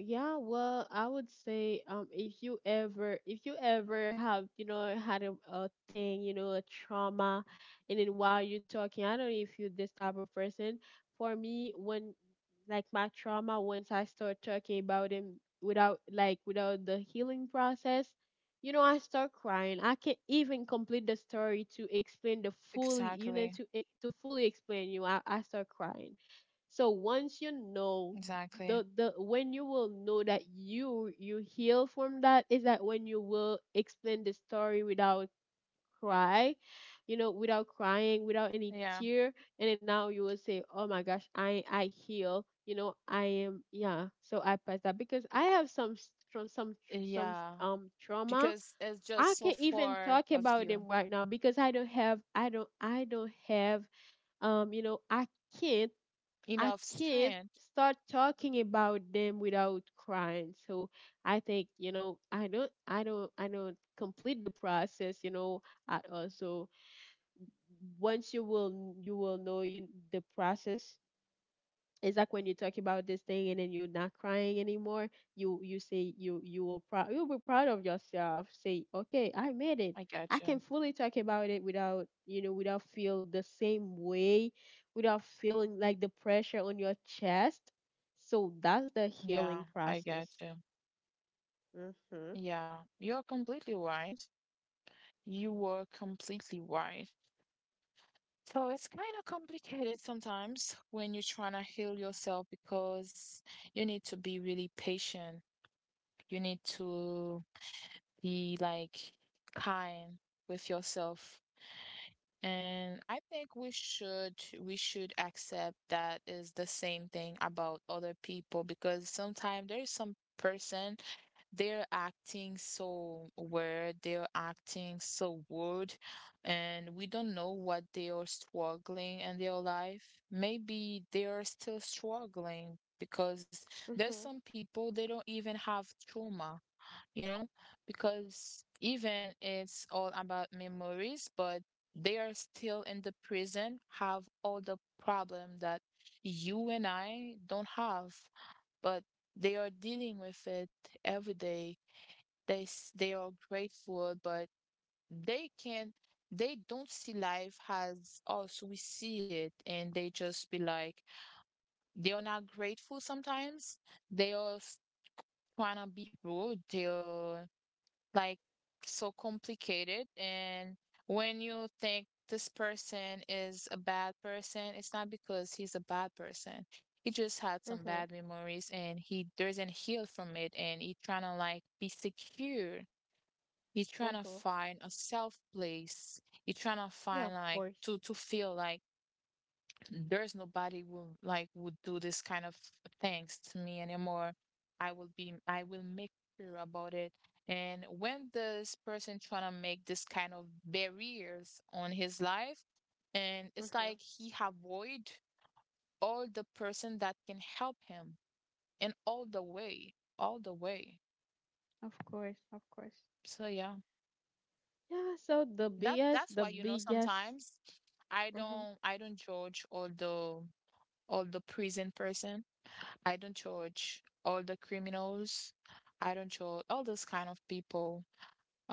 A: Yeah, well, I would say if you ever, have, you know, had a, thing, you know, a trauma. And then while you're talking, I don't know if you're this type of person. For me, when, my trauma, once I start talking about it without without the healing process, you know, I start crying. I can't even complete the story to explain the fully, you know,
B: Exactly.
A: to fully explain you. I start crying. So once you know,
B: Exactly.
A: the when you will know that you, heal from that, is that when you will explain the story without cry you know, without crying, without any
B: Yeah.
A: tear. And then now you will say, oh my gosh, I heal, you know, I am, yeah. So I passed that because I have some s- from some some
B: Yeah.
A: trauma.
B: Because it's
A: I
B: just so
A: can't even
B: far
A: talk
B: of
A: about them
B: you.
A: right now because I don't have, I don't have you know, I can't. I
B: Enough
A: can't
B: strength.
A: start talking about them without crying. So I think, you know, I don't complete the process, you know. I also, once you will, know you, the process. It's like when you talk about this thing and then you're not crying anymore. You, say, you will proud you'll be proud of yourself, say okay, I made it.
B: I got
A: I
B: you.
A: can fully talk about it without, you know, without feel the same way, without feeling like the pressure on your chest. So that's the
B: Yeah.
A: healing
B: I got
A: process.
B: you.
A: Mm-hmm.
B: Yeah. You're completely right. You were completely right. So it's kind of complicated sometimes when you're trying to heal yourself because you need to be really patient. You need to be like kind with yourself. And I think we should accept that is the same thing about other people, because sometimes there is some person, they're acting so weird, they're acting so rude, and we don't know what they are struggling in their life. Maybe they are still struggling because there's
A: Mhm.
B: some people they don't even have trauma, you know, because even it's all about memories, but they are still in the prison, have all the problem that you and I don't have. But they are dealing with it every day. They are grateful, but they can not, they don't see life as us we see it, and they just be like they are not grateful sometimes. They are s- Trying to be rude. They are like so complicated. And when you think this person is a bad person, it's not because he's a bad person, he just had some
A: Mhm.
B: bad memories and he doesn't heal from it and he trying to like be secure, he's trying to
A: Mhm.
B: find a self place, he's trying to
A: Yeah, of
B: find like
A: course.
B: to feel like there's nobody will like would do this kind of things to me anymore. I will make sure about it. And when this person trying to make this kind of barriers on his life, and it's
A: Mhm.
B: like he avoid all the person that can help him in all the way, all the way.
A: Of course, of course.
B: So yeah,
A: Yeah, so
B: that that's
A: the
B: why, you know,
A: biggest.
B: sometimes I
A: Mhm.
B: don't I don't judge all the, all the prison person. I don't judge all the criminals. I don't judge all those kind of people.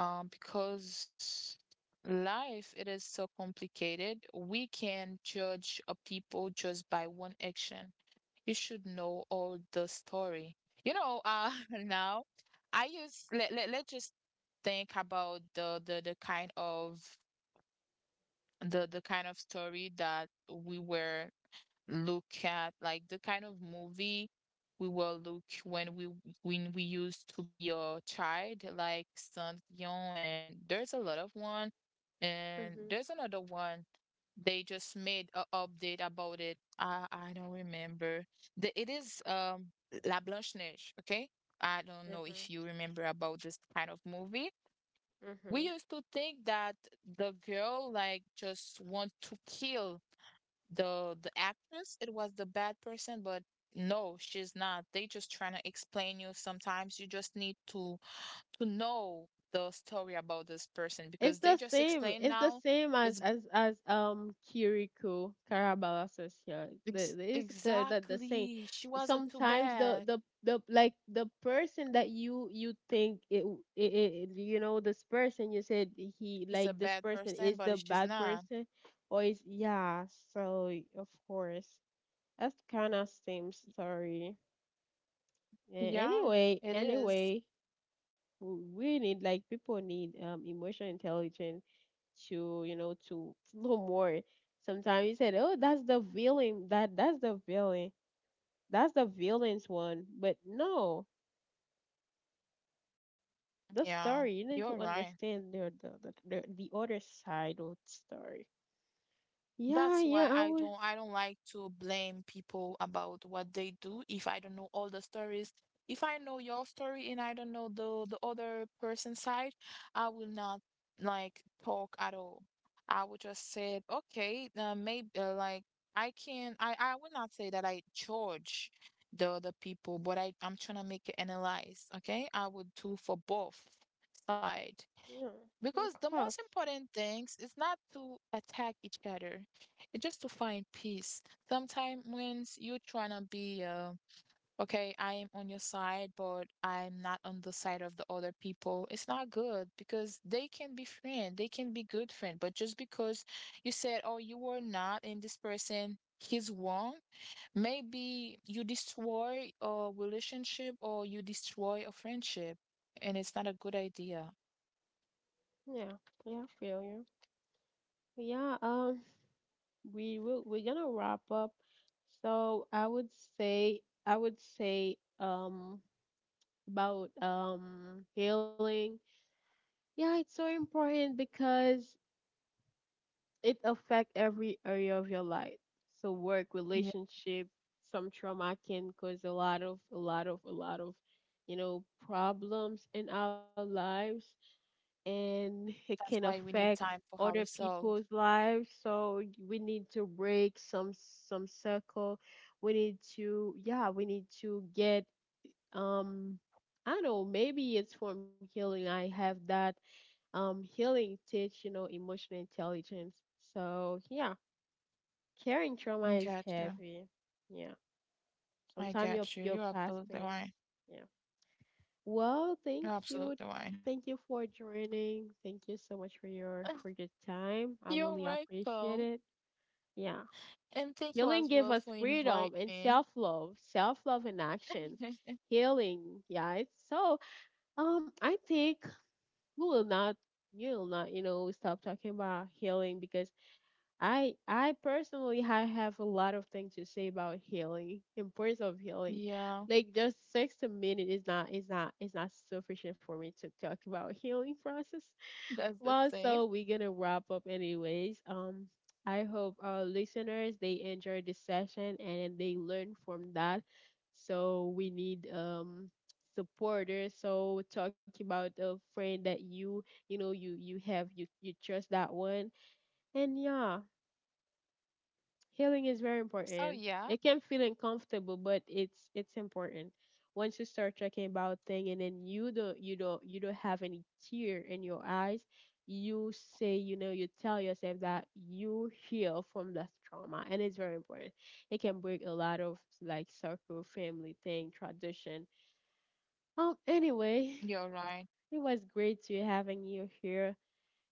B: Because life it is so complicated. We can judge a people just by one action. You should know all the story. You know, now I use let's just think about the kind of the kind of story that we were look at, like the kind of movie we will look when we, when we used to be a child, like Saint Yon, and there's a lot of one, and
A: Mhm.
B: there's another one. They just made a update about it. I don't remember. The, it is La Blanche Neige. Okay, I don't know if
A: Mhm.
B: you remember about this kind of movie. We
A: Mhm.
B: used to think that the girl like just want to kill the actress, it was the bad person, but no, she's not, they just trying to explain you sometimes you just need to know the story about this person
A: It's
B: because they
A: the
B: just
A: same.
B: explain
A: It's the
B: now
A: same as
B: it's
A: Kiriko Karabala Session. The same.
B: exactly she wasn't too
A: Sometimes
B: bad,
A: the like the person that you, think it, it, you know, this person, you said he
B: she's
A: like,
B: a
A: this
B: bad
A: person
B: person
A: is the
B: but she's
A: bad
B: not.
A: person or is, yeah. So of course, that's kind of same story.
B: Yeah,
A: Anyway,
B: it is.
A: anyway, we need, like, people need emotional intelligence to, you know, to, know more. Sometimes you said, "Oh, that's the villain. That's the villain. That's the villain's one." But no, the story,
B: Yeah,
A: you need to
B: you're right.
A: understand the other side of the story. Yeah,
B: That's
A: yeah,
B: why
A: I
B: I
A: was.
B: don't I don't like to blame people about what they do if I don't know all the stories. If I know your story and I don't know the other person's side, I will not like talk at all. I would just say, okay, maybe like I can, I will not say that I judge the other people, but I'm trying to make it analyze, okay? I would do for both side.
A: Yeah, of
B: Because the
A: course.
B: most important things is not to attack each other. It's just to find peace. Sometimes when you trying to be, okay, I am on your side, but I'm not on the side of the other people, it's not good because they can be friend, they can be good friend. But just because you said, oh, you were not in this person, he's wrong, maybe you destroy a relationship or you destroy a friendship, and it's not a good idea.
A: Yeah, yeah, I feel you. Yeah, we will. We're gonna wrap up. So I would say, I would say, um, about healing. Yeah, it's so important because it affects every area of your life. So work,
B: Yeah,
A: relationship, some trauma can cause a lot of, you know, problems in our lives, and it can
B: that's why we
A: affect
B: need time for
A: other people's
B: ourselves.
A: lives. So we need to break some, circle. We need to, yeah, we need to get um I don't know, maybe it's from healing. I have that, healing teach, you know, emotional intelligence. So yeah, carrying trauma
B: I
A: is
B: got you.
A: heavy. Yeah.
B: I
A: Sometimes your,
B: got you. You're
A: past
B: absolutely
A: pains.
B: right.
A: Yeah. Well, thank
B: You're
A: you.
B: absolutely right.
A: For joining. Thank you so much for your, time. I really
B: You're
A: appreciate it.
B: welcome.
A: Yeah.
B: And thank you
A: Healing
B: as
A: gave us
B: well for
A: freedom
B: inviting
A: and self
B: me.
A: love. Self love in action. Healing, yeah, it's, So I think we will not, you know, stop talking about healing, because I personally, I have a lot of things to say about healing, importance of healing.
B: Yeah,
A: Like just 60 minutes is not, is not sufficient for me to talk about healing process.
B: that's the
A: Well, so
B: same.
A: we're gonna wrap up anyways. I hope our listeners they enjoyed this session and they learn from that. So we need supporters. So talk about a friend that you know, you have, you trust, that one. And yeah, healing is very
B: So
A: important.
B: yeah,
A: It can feel uncomfortable, but it's important. Once you start talking about thing and then you don't have any tear in your eyes, you say, you know, you tell yourself that you heal from that trauma, and it's very important. It can break a lot of like circle, family thing, tradition. Anyway,
B: you're right.
A: it was great to having you here.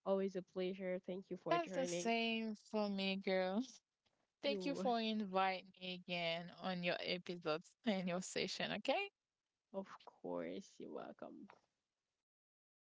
A: Always a pleasure. Thank you for
B: That's the
A: joining.
B: same for me, girl. Thank you
A: You
B: for inviting me again on your episodes and your session, okay?
A: of course, you're welcome.